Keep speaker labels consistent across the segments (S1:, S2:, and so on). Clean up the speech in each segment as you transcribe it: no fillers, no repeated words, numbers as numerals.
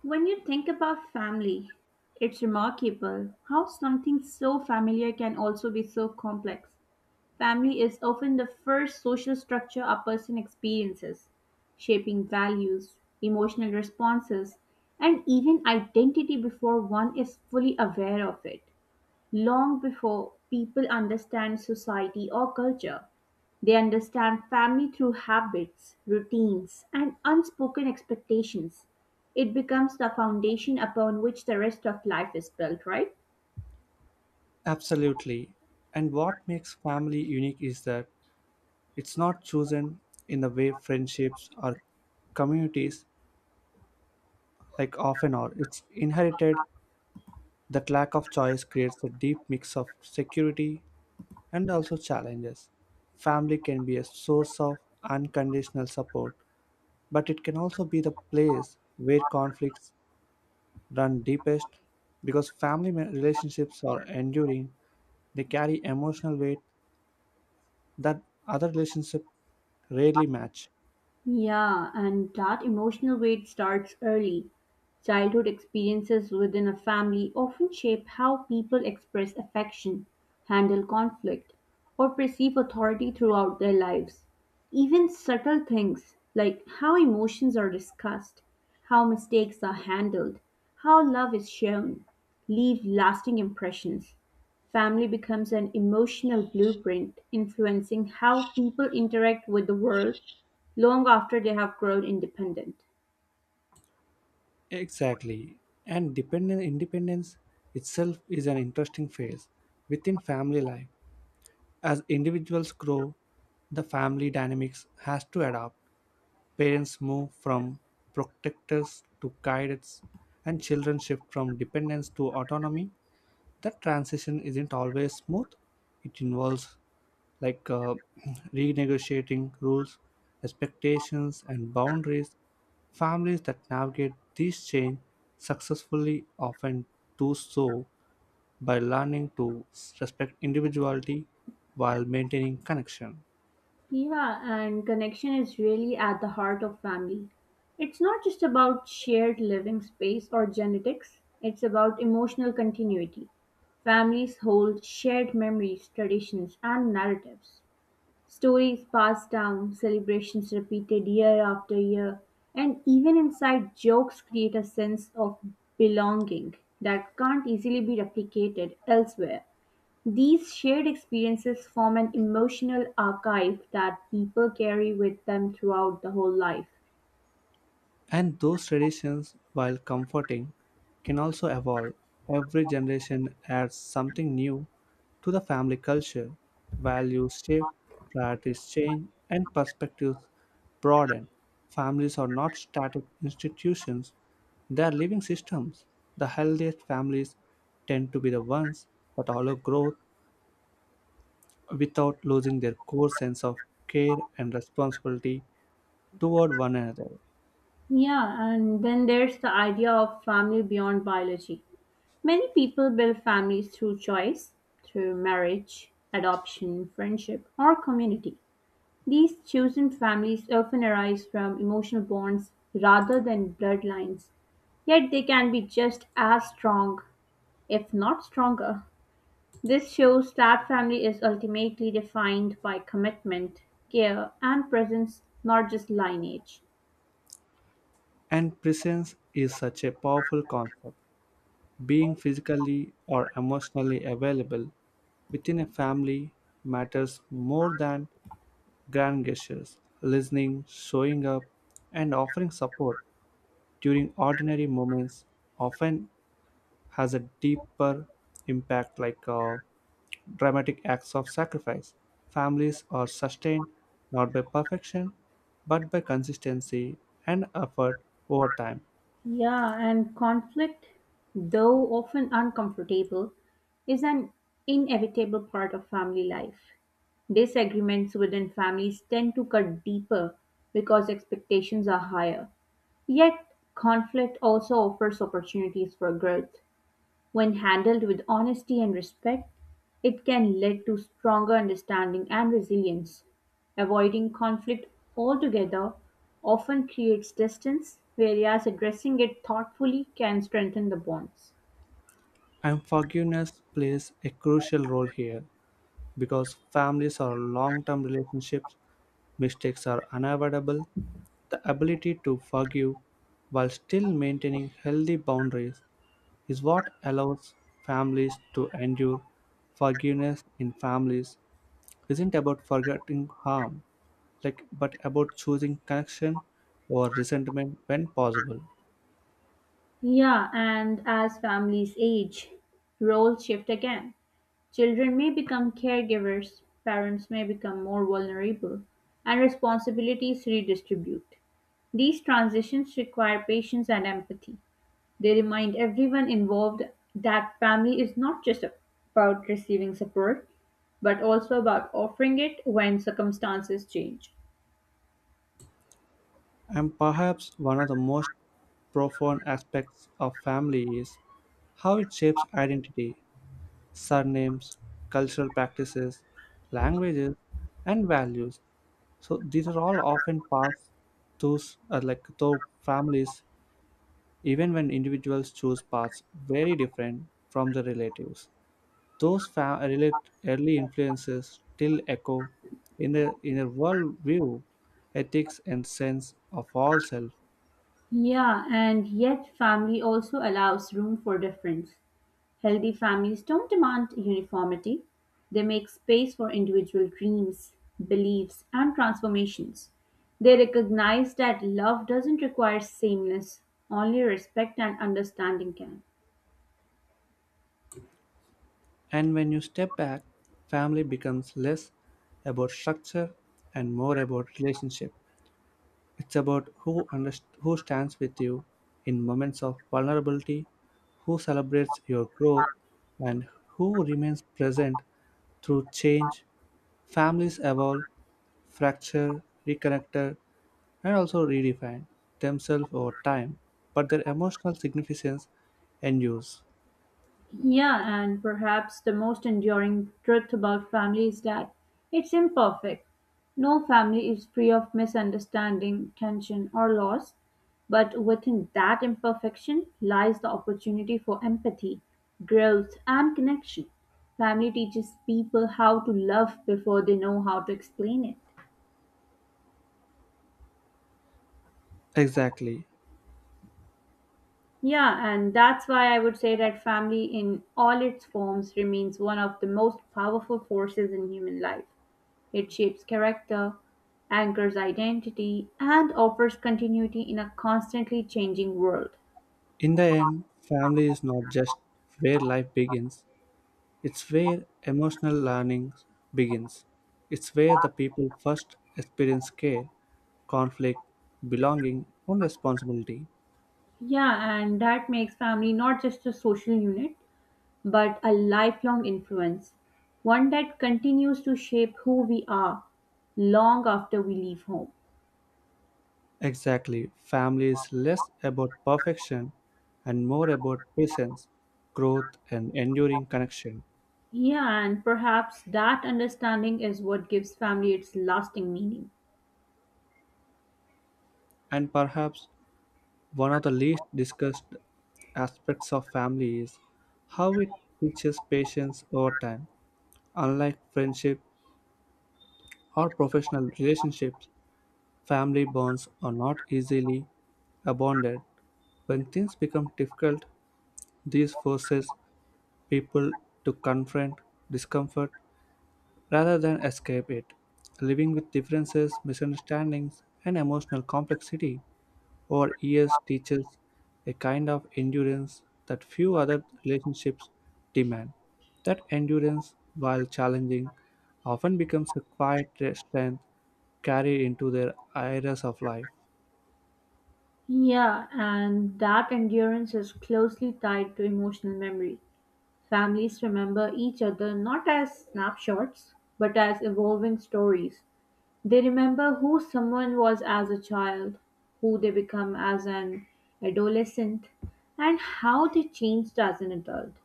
S1: When you think about family, it's remarkable how something so familiar can also be so complex. Family is often the first social structure a person experiences, shaping values, emotional responses, and even identity before one is fully aware of it. Long before people understand society or culture, they understand family through habits, routines, and unspoken expectations. It becomes the foundation upon which the rest of life is built, right?
S2: Absolutely. And what makes family unique is that it's not chosen in the way friendships or communities often are. It's inherited. That lack of choice creates a deep mix of security and also challenges. Family can be a source of unconditional support, but it can also be the place where conflicts run deepest because relationships are enduring. They carry emotional weight that other relationship rarely match.
S1: Yeah, and that emotional weight starts early. Childhood experiences within a family often shape how people express affection, handle conflict, or perceive authority throughout their lives. Even subtle things like how emotions are discussed, how mistakes are handled, how love is shown, leave lasting impressions. Family becomes an emotional blueprint influencing how people interact with the world long after they have grown independent.
S2: Exactly. And dependent independence itself is an interesting phase within family life. As individuals grow, the family dynamics has to adapt. Parents move from protectors to guidance, and children shift from dependence to autonomy. That transition isn't always smooth. It involves like uh, renegotiating rules, expectations, and boundaries. Families that navigate these change successfully often do so by learning to respect individuality while maintaining connection.
S1: Yeah, and connection is really at the heart of family. It's not just about shared living space or genetics, it's about emotional continuity. Families hold shared memories, traditions, and narratives. Stories passed down, celebrations repeated year after year, and even inside jokes create a sense of belonging that can't easily be replicated elsewhere. These shared experiences form an emotional archive that people carry with them throughout the whole life.
S2: And those traditions, while comforting, can also evolve. Every generation adds something new to the family culture. Values shift, priorities change, and perspectives broaden. Families are not static institutions, they are living systems. The healthiest families tend to be the ones that allow growth without losing their core sense of care and responsibility toward one another.
S1: Yeah, and then there's the idea of family beyond biology. Many people build families through choice, through marriage, adoption, friendship, or community. These chosen families often arise from emotional bonds rather than bloodlines, yet they can be just as strong, if not stronger. This shows that family is ultimately defined by commitment, care, and presence, not just lineage.
S2: And presence is such a powerful concept. Being physically or emotionally available within a family matters more than grand gestures. Listening, showing up, and offering support during ordinary moments often has a deeper impact, dramatic acts of sacrifice. Families are sustained not by perfection, but by consistency and effort over time.
S1: Yeah, and conflict, though often uncomfortable, is an inevitable part of family life. Disagreements within families tend to cut deeper because expectations are higher. Yet, conflict also offers opportunities for growth. When handled with honesty and respect, it can lead to stronger understanding and resilience. Avoiding conflict altogether often creates distance, whereas addressing it thoughtfully can strengthen the bonds.
S2: And forgiveness plays a crucial role here because families are long term relationships, mistakes are unavoidable. The ability to forgive while still maintaining healthy boundaries is what allows families to endure. Forgiveness in families isn't about forgetting harm, like but about choosing connection or resentment when possible.
S1: Yeah, and as families age, roles shift again. Children may become caregivers, parents may become more vulnerable, and responsibilities redistribute. These transitions require patience and empathy. They remind everyone involved that family is not just about receiving support, but also about offering it when circumstances change.
S2: And perhaps one of the most profound aspects of family is how it shapes identity, surnames, cultural practices, languages, and values. So these are all often passed through through families, even when individuals choose paths very different from the relatives. Relate early influences still echo in their worldview, ethics, and sense of all self.
S1: Yeah, and yet family also allows room for difference. Healthy families don't demand uniformity, they make space for individual dreams, beliefs, and transformations. They recognize that love doesn't require sameness, only respect and understanding can.
S2: And when you step back, family becomes less about structure and more about relationship. It's about who stands with you in moments of vulnerability, who celebrates your growth, and who remains present through change. Families evolve, fracture, reconnect, and also redefine themselves over time, but their emotional significance endures.
S1: Yeah, and perhaps the most enduring truth about family is that it's imperfect. No family is free of misunderstanding, tension, or loss, but within that imperfection lies the opportunity for empathy, growth, and connection. Family teaches people how to love before they know how to explain it.
S2: Exactly.
S1: Yeah, and that's why I would say that family in all its forms remains one of the most powerful forces in human life. It shapes character, anchors identity, and offers continuity in a constantly changing world.
S2: In the end, family is not just where life begins, it's where emotional learning begins. It's where the people first experience care, conflict, belonging, and responsibility.
S1: Yeah, and that makes family not just a social unit, but a lifelong influence, one that continues to shape who we are long after we leave home.
S2: Exactly, family is less about perfection and more about presence, growth, and enduring connection.
S1: Yeah, and perhaps that understanding is what gives family its lasting meaning.
S2: And perhaps one of the least discussed aspects of family is how it teaches patience over time. Unlike friendship or professional relationships, family bonds are not easily abandoned. When things become difficult, these forces people to confront discomfort rather than escape it, living with differences, misunderstandings, and emotional complexity. Over years teaches a kind of endurance that few other relationships demand. That endurance, while challenging, often becomes a quiet strength carried into their areas of life.
S1: Yeah, and that endurance is closely tied to emotional memory. Families remember each other not as snapshots, but as evolving stories. They remember who someone was as a child, who they become as an adolescent, and how they changed as an adult.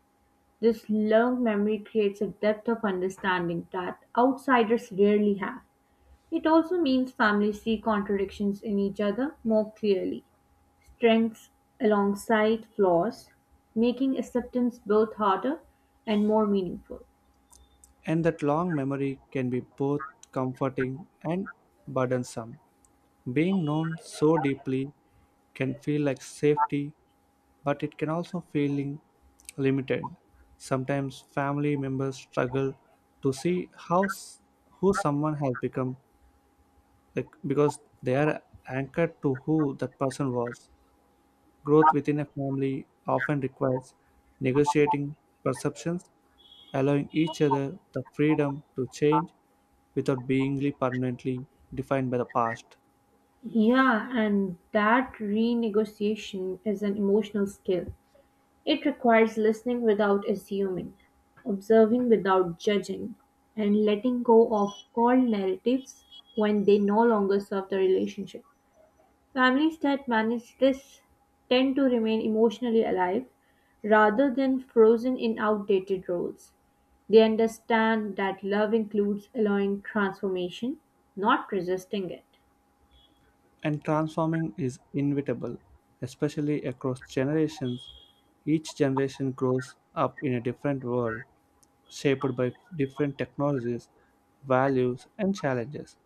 S1: This long memory creates a depth of understanding that outsiders rarely have. It also means families see contradictions in each other more clearly strengths alongside flaws, making acceptance both harder and more meaningful.
S2: And that long memory can be both comforting and burdensome. Being known so deeply can feel like safety but it can also feeling limited. Sometimes family members struggle to see how s- who someone has become like because they are anchored to who that person was. Growth within a family often requires negotiating perceptions, allowing each other the freedom to change without being really permanently defined by the past.
S1: Yeah, and that renegotiation is an emotional skill. It requires listening without assuming, observing without judging, and letting go of all narratives when they no longer serve the relationship. Families that manage this tend to remain emotionally alive rather than frozen in outdated roles. They understand that love includes allowing transformation, not resisting it.
S2: And transforming is inevitable, especially across generations. Each generation grows up in a different world, shaped by different technologies, values, and challenges.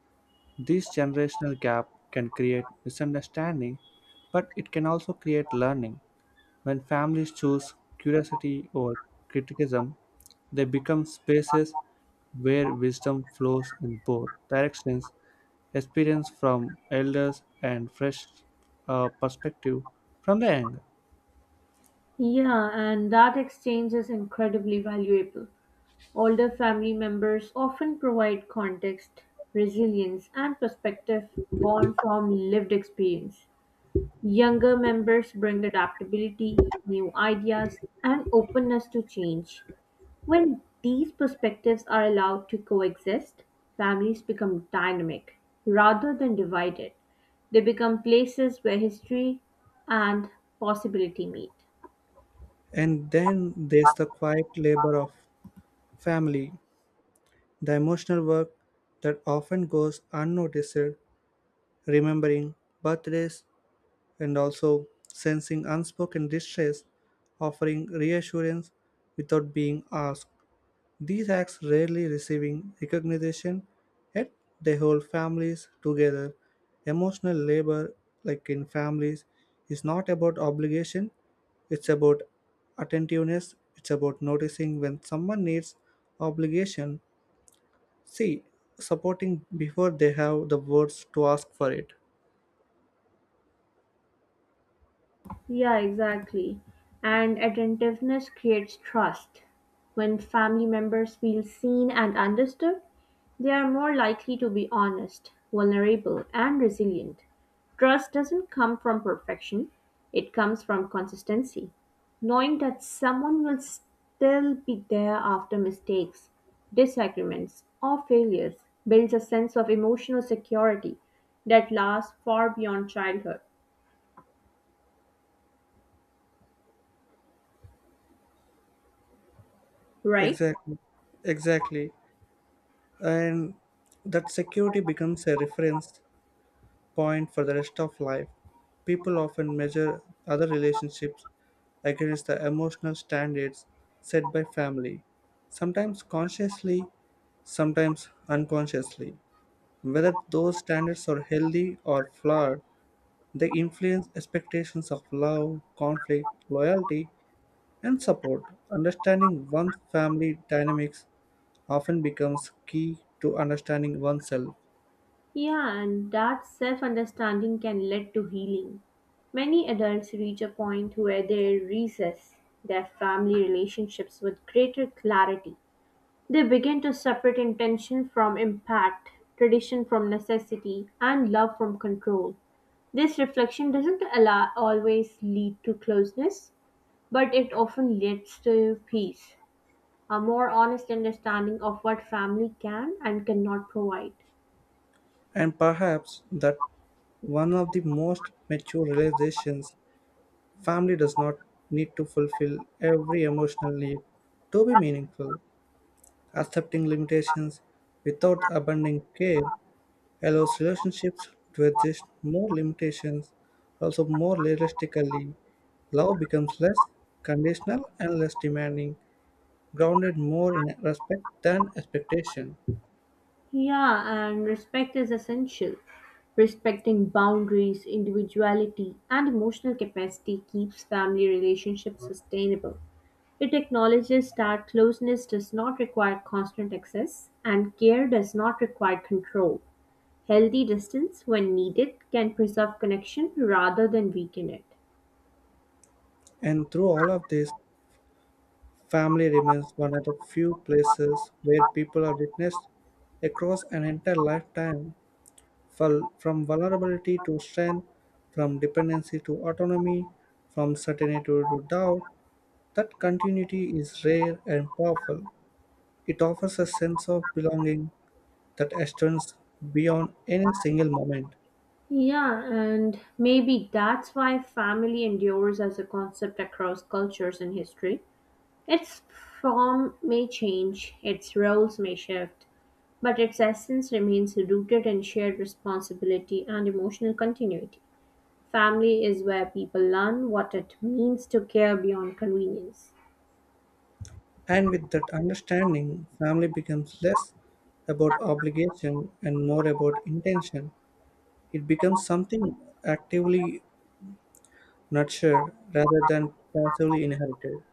S2: This generational gap can create misunderstanding, but it can also create learning. When families choose curiosity over criticism, they become spaces where wisdom flows in both directions experience from elders and fresh perspective from the young.
S1: Yeah, and that exchange is incredibly valuable. Older family members often provide context, resilience, and perspective born from lived experience. Younger members bring adaptability, new ideas, and openness to change. When these perspectives are allowed to coexist, families become dynamic rather than divided. They become places where history and possibility meet.
S2: And then there's the quiet labor of family, the emotional work that often goes unnoticed, remembering birthdays and also sensing unspoken distress, offering reassurance without being asked. These acts rarely receiving recognition, yet they hold families together. Emotional labor, like in families, is not about obligation, it's about attentiveness, it's about noticing when someone needs obligation. See, supporting before they have the words to ask for it.
S1: Yeah, exactly. And attentiveness creates trust. When family members feel seen and understood, they are more likely to be honest, vulnerable, and resilient. Trust doesn't come from perfection, it comes from consistency. Knowing that someone will still be there after mistakes, disagreements, or failures builds a sense of emotional security that lasts far beyond childhood, right?
S2: Exactly, exactly. And that security becomes a reference point for the rest of life. People often measure other relationships against the emotional standards set by family, sometimes consciously, sometimes unconsciously. Whether those standards are healthy or flawed, they influence expectations of love, conflict, loyalty, and support. Understanding one's family dynamics often becomes key to understanding oneself.
S1: Yeah, and that self understanding can lead to healing. Many adults reach a point where they reassess their family relationships with greater clarity. They begin to separate intention from impact, tradition from necessity, and love from control. This reflection doesn't allow, always lead to closeness, but it often leads to peace, a more honest understanding of what family can and cannot provide.
S2: And perhaps that one of the most mature realizations family does not need to fulfill every emotional need to be meaningful. Accepting limitations without abandoning care allows relationships to exist more limitations, also more realistically. Love becomes less conditional and less demanding, grounded more in respect than expectation.
S1: Yeah, and respect is essential. Respecting boundaries, individuality, and emotional capacity keeps family relationships sustainable. It acknowledges that closeness does not require constant access and care does not require control. Healthy distance, when needed, can preserve connection rather than weaken it.
S2: And through all of this, family remains one of the few places where people are witnessed across an entire lifetime, from vulnerability to strength, from dependency to autonomy, from certainty to doubt. That continuity is rare and powerful. It offers a sense of belonging that extends beyond any single moment.
S1: Yeah, and maybe that's why family endures as a concept across cultures and history. Its form may change, its roles may shift, but its essence remains rooted in shared responsibility and emotional continuity. Family is where people learn what it means to care beyond convenience.
S2: And with that understanding, family becomes less about obligation and more about intention. It becomes something actively nurtured rather than passively inherited.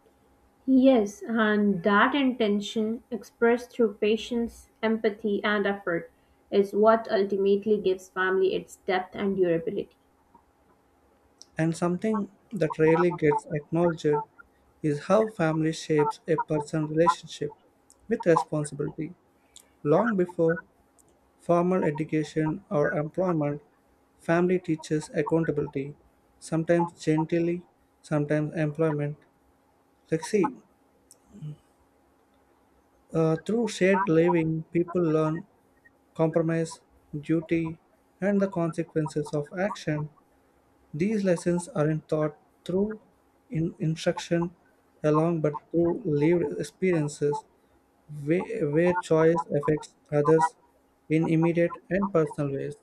S1: Yes, and that intention, expressed through patience, empathy, and effort, is what ultimately gives family its depth and durability.
S2: And something that rarely gets acknowledged is how family shapes a person's relationship with responsibility. Long before formal education or employment, family teaches accountability, sometimes gently, sometimes employment. Like, see, through shared living, people learn compromise, duty, and the consequences of action. These lessons aren't taught through in instruction alone but through lived experiences where choice affects others in immediate and personal ways.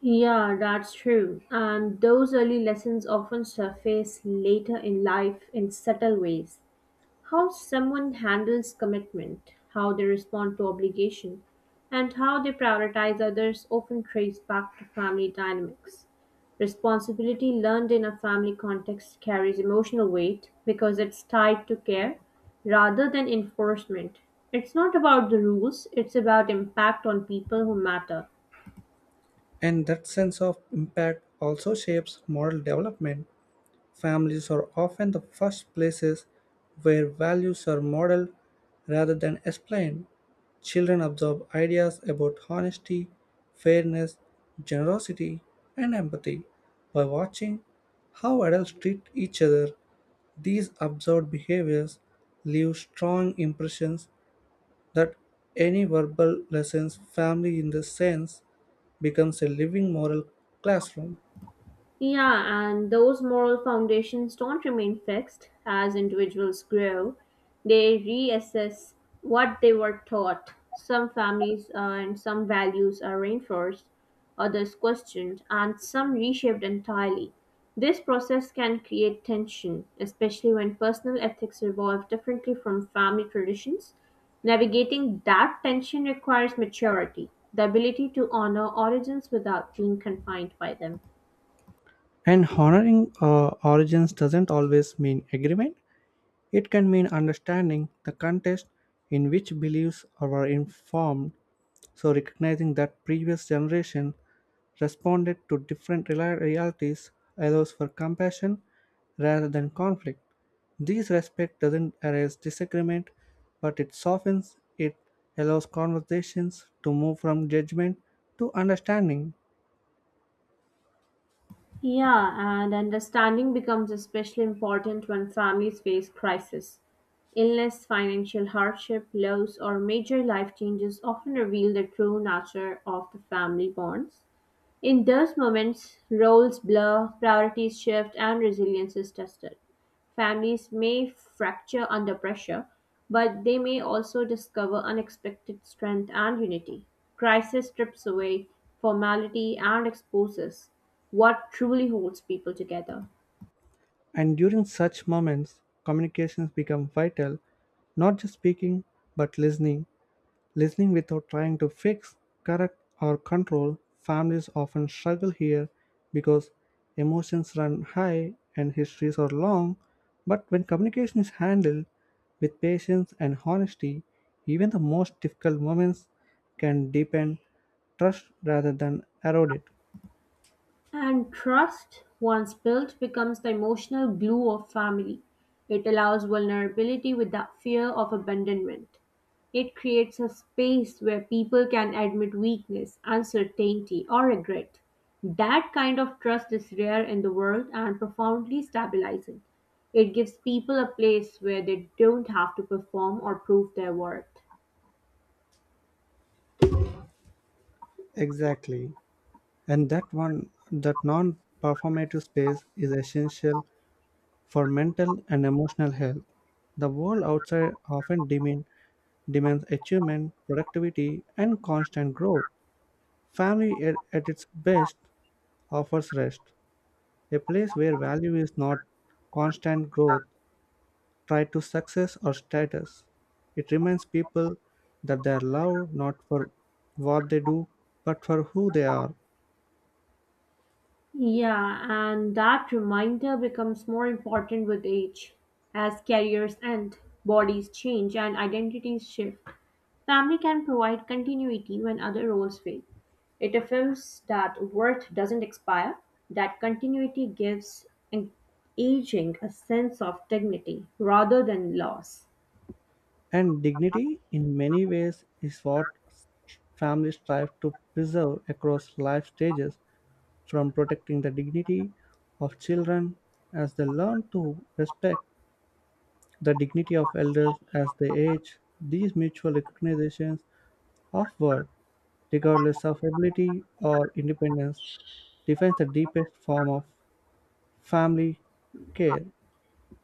S1: Yeah, that's true. And those early lessons often surface later in life in subtle ways. How someone handles commitment, how they respond to obligation, and how they prioritize others often trace back to family dynamics. Responsibility learned in a family context carries emotional weight because it's tied to care rather than enforcement. It's not about the rules, it's about impact on people who matter.
S2: And that sense of impact also shapes moral development. Families are often the first places where values are modeled rather than explained. Children absorb ideas about honesty, fairness, generosity, and empathy by watching how adults treat each other. These observed behaviors leave strong impressions that any verbal lessons family in the sense becomes a living moral classroom.
S1: Yeah, and those moral foundations don't remain fixed as individuals grow. They reassess what they were taught. Some families and some values are reinforced, others questioned, and some reshaped entirely. This process can create tension, especially when personal ethics evolve differently from family traditions. Navigating that tension requires maturity, the ability to honor origins without being confined by them.
S2: And honoring origins doesn't always mean agreement, it can mean understanding the context in which beliefs were informed. So, recognizing that previous generation responded to realities allows for compassion rather than conflict. This respect doesn't erase disagreement, but it softens it, allows conversations to move from judgment to understanding.
S1: Yeah, and understanding becomes especially important when families face crisis. Illness, financial hardship, loss, or major life changes often reveal the true nature of the family bonds. In those moments, roles blur, priorities shift, and resilience is tested. Families may fracture under pressure, but they may also discover unexpected strength and unity. Crisis strips away formality and exposes what truly holds people together.
S2: And during such moments, communications become vital, not just speaking, but listening. Listening without trying to fix, correct, or control. Families often struggle here because emotions run high and histories are long. But when communication is handled with patience and honesty, even the most difficult moments can deepen trust rather than erode it.
S1: And trust, once built, becomes the emotional glue of family. It allows vulnerability without fear of abandonment. It creates a space where people can admit weakness, uncertainty, or regret. That kind of trust is rare in the world and profoundly stabilizing. It gives people a place where they don't have to perform or prove their worth.
S2: Exactly. And that one that non-performative space is essential for mental and emotional health the world outside often demean, demands achievement productivity and constant growth family at its best offers rest a place where value is not constant growth tied to success or status it reminds people that they are loved not for what they do but for who they are.
S1: Yeah, and that reminder becomes more important with age as careers end, bodies change, and identities shift. Family can provide continuity when other roles fail. It affirms that worth doesn't expire, that continuity gives an aging a sense of dignity rather than loss.
S2: And dignity, in many ways, is what families strive to preserve across life stages, from protecting the dignity of children as they learn to respect the dignity of elders as they age. These mutual recognitions of worth, regardless of ability or independence, defines the deepest form of family care.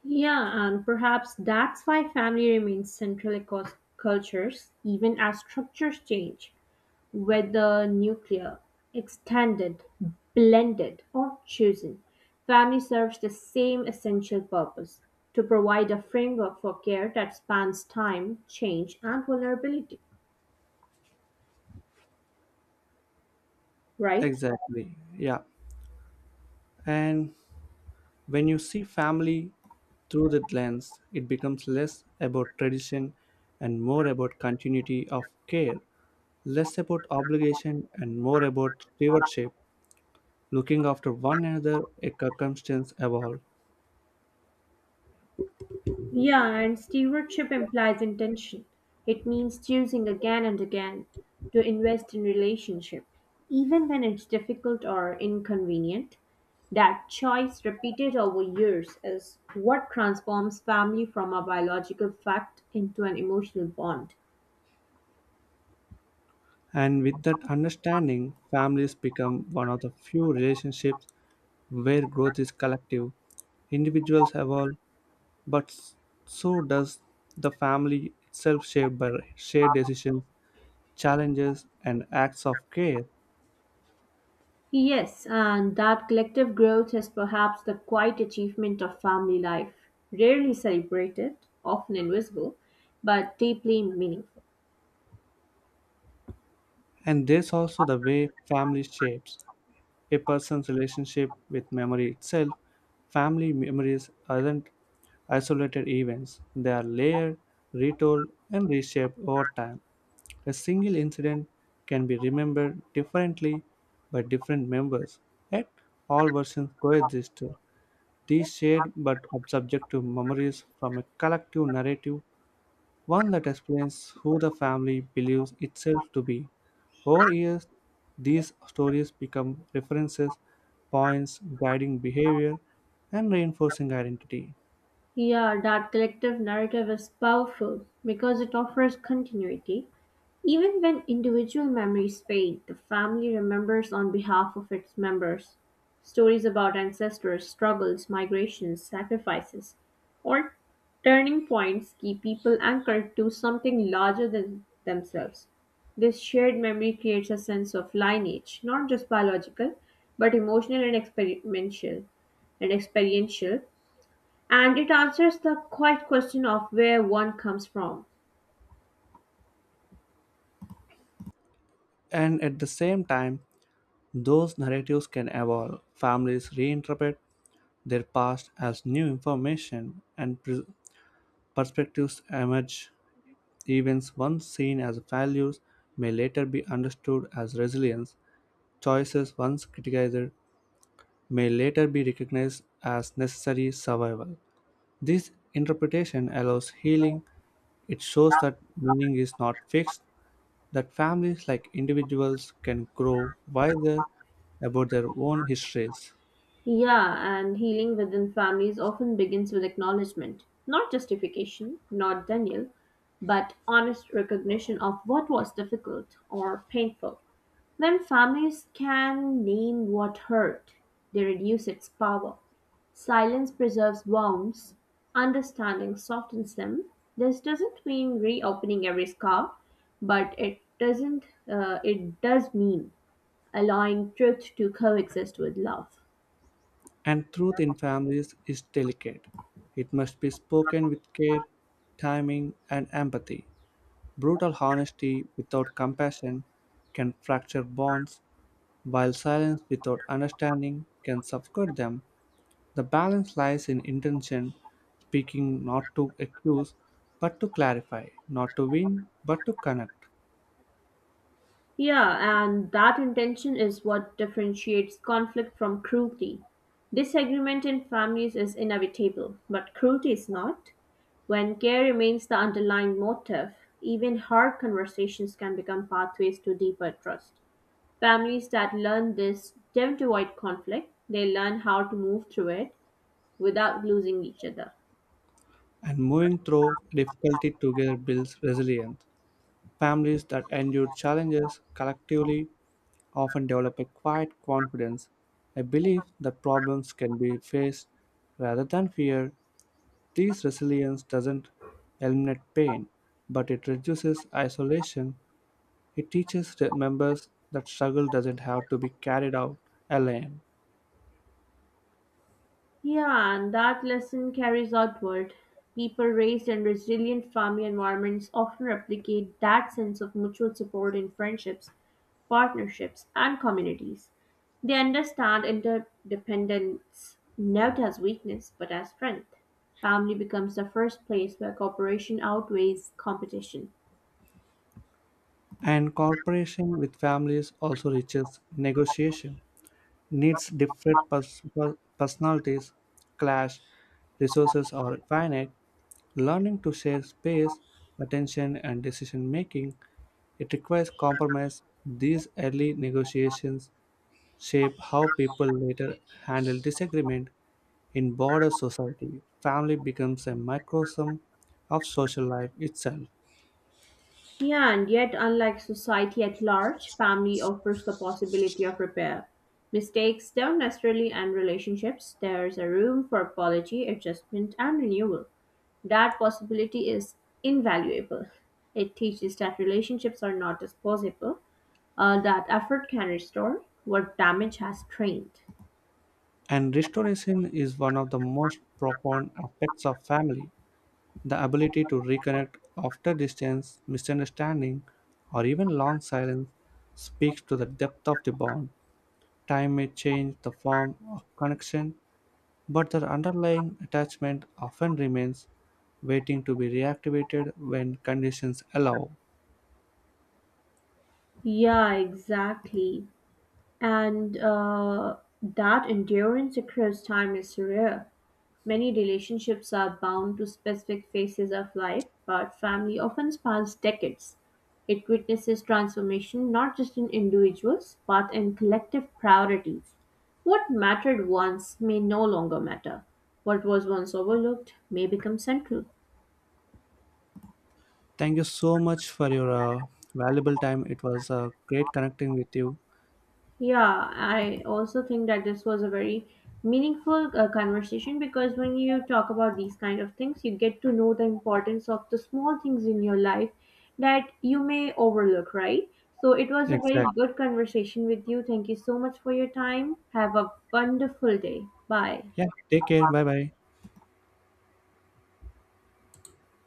S1: Yeah, and perhaps that's why family remains central across cultures, even as structures change. Whether nuclear, extended, blended, or chosen, family serves the same essential purpose: to provide a framework for care that spans time, change, and vulnerability. Right?
S2: Exactly. Yeah. And when you see family through that lens, it becomes less about tradition and more about continuity of care, less about obligation and more about stewardship, looking after one another a circumstance evolve.
S1: Yeah, and stewardship implies intention. It means choosing again and again to invest in relationship, even when it's difficult or inconvenient. That choice repeated over years is what transforms family from a biological fact into an emotional bond.
S2: And with that understanding, families become one of the few relationships where growth is collective. Individuals evolve, but so does the family itself shaped by shared decisions challenges, and acts of care.
S1: Yes, and that collective growth is perhaps the quiet achievement of family life, rarely celebrated, often invisible, but deeply meaningful.
S2: And there's also the way family shapes a person's relationship with memory itself. Family memories aren't isolated events, they are layered, retold, and reshaped over time. A single incident can be remembered differently by different members, yet all versions coexist. These shared but subjective memories from a collective narrative one that explains who the family believes itself to be. Over years, these stories become references, points guiding behavior, and reinforcing identity.
S1: Yeah, that collective narrative is powerful because it offers continuity. Even when individual memories fade, the family remembers on behalf of its members. Stories about ancestors, struggles, migrations, sacrifices, or turning points keep people anchored to something larger than themselves. This shared memory creates a sense of lineage, not just biological, but emotional and experiential and experiential, and it answers the quiet question of where one comes from.
S2: And at the same time, those narratives can evolve. Families reinterpret their past as new information, and perspectives emerge. Events once seen as failures may later be understood as resilience. Choices once criticized may later be recognized as necessary survival. This interpretation allows healing. It shows that meaning is not fixed, that families like individuals can grow wiser about their own histories.
S1: Yeah, and healing within families often begins with acknowledgement, not justification, not denial, but honest recognition of what was difficult or painful. When families can name what hurt, they reduce its power. Silence preserves wounds, understanding softens them. This doesn't mean reopening every scar, but it doesn't it does mean allowing truth to coexist with love.
S2: And truth in families is delicate. It must be spoken with care, timing, and empathy. Brutal honesty without compassion can fracture bonds, while silence without understanding can suffocate them. The balance lies in intention, speaking not to accuse but to clarify, not to win but to connect.
S1: Yeah, and that intention is what differentiates conflict from cruelty. Disagreement in families is inevitable, but cruelty is not. When care remains the underlying motive, even hard conversations can become pathways to deeper trust. Families that learn this don't avoid conflict, they learn how to move through it without losing each other.
S2: And moving through difficulty together builds resilience. Families that endure challenges collectively often develop a quiet confidence, a belief that problems can be faced rather than fear. This resilience doesn't eliminate pain, but it reduces isolation it teaches the members that struggle doesn't have to be carried out alone.
S1: Yeah, and that lesson carries outward. People raised in resilient family environments often replicate that sense of mutual support in friendships, partnerships, and communities. They understand interdependence not as weakness but as strength. Family becomes the first place where cooperation outweighs competition.
S2: And cooperation with families also reaches negotiation. Needs personalities clash, resources are finite. Learning to share space, attention, and decision making, it requires compromise. These early negotiations shape how people later handle disagreement in border society, family becomes a microcosm of social life itself,
S1: Yeah, and yet, unlike society at large, family offers the possibility of repair. Mistakes don't necessarily end relationships, there's a room for apology, adjustment, and renewal. That possibility is invaluable. It teaches that relationships are not disposable, that effort can restore what damage has trained.
S2: and restoration is one of the most profound aspects of family. The ability to reconnect after distance, misunderstanding, or even long silence speaks to the depth of the bond. Time may change the form of connection, but the underlying attachment often remains, waiting to be reactivated when conditions allow.
S1: Yeah, exactly. And that endurance across time is rare. Many relationships are bound to specific phases of life, but family often spans decades. It witnesses transformation not just in individuals, but in collective priorities. What mattered once may no longer matter. What was once overlooked may become central.
S2: Thank you so much for your valuable time. It was great connecting with you.
S1: Yeah, I also think that this was a very meaningful conversation because when you talk about these kind of things, you get to know the importance of the small things in your life that you may overlook, right? So it was a very
S2: Exactly.
S1: good conversation with you. Thank you so much for your time. Have a wonderful day. Bye.
S2: Yeah. Take care. Bye bye.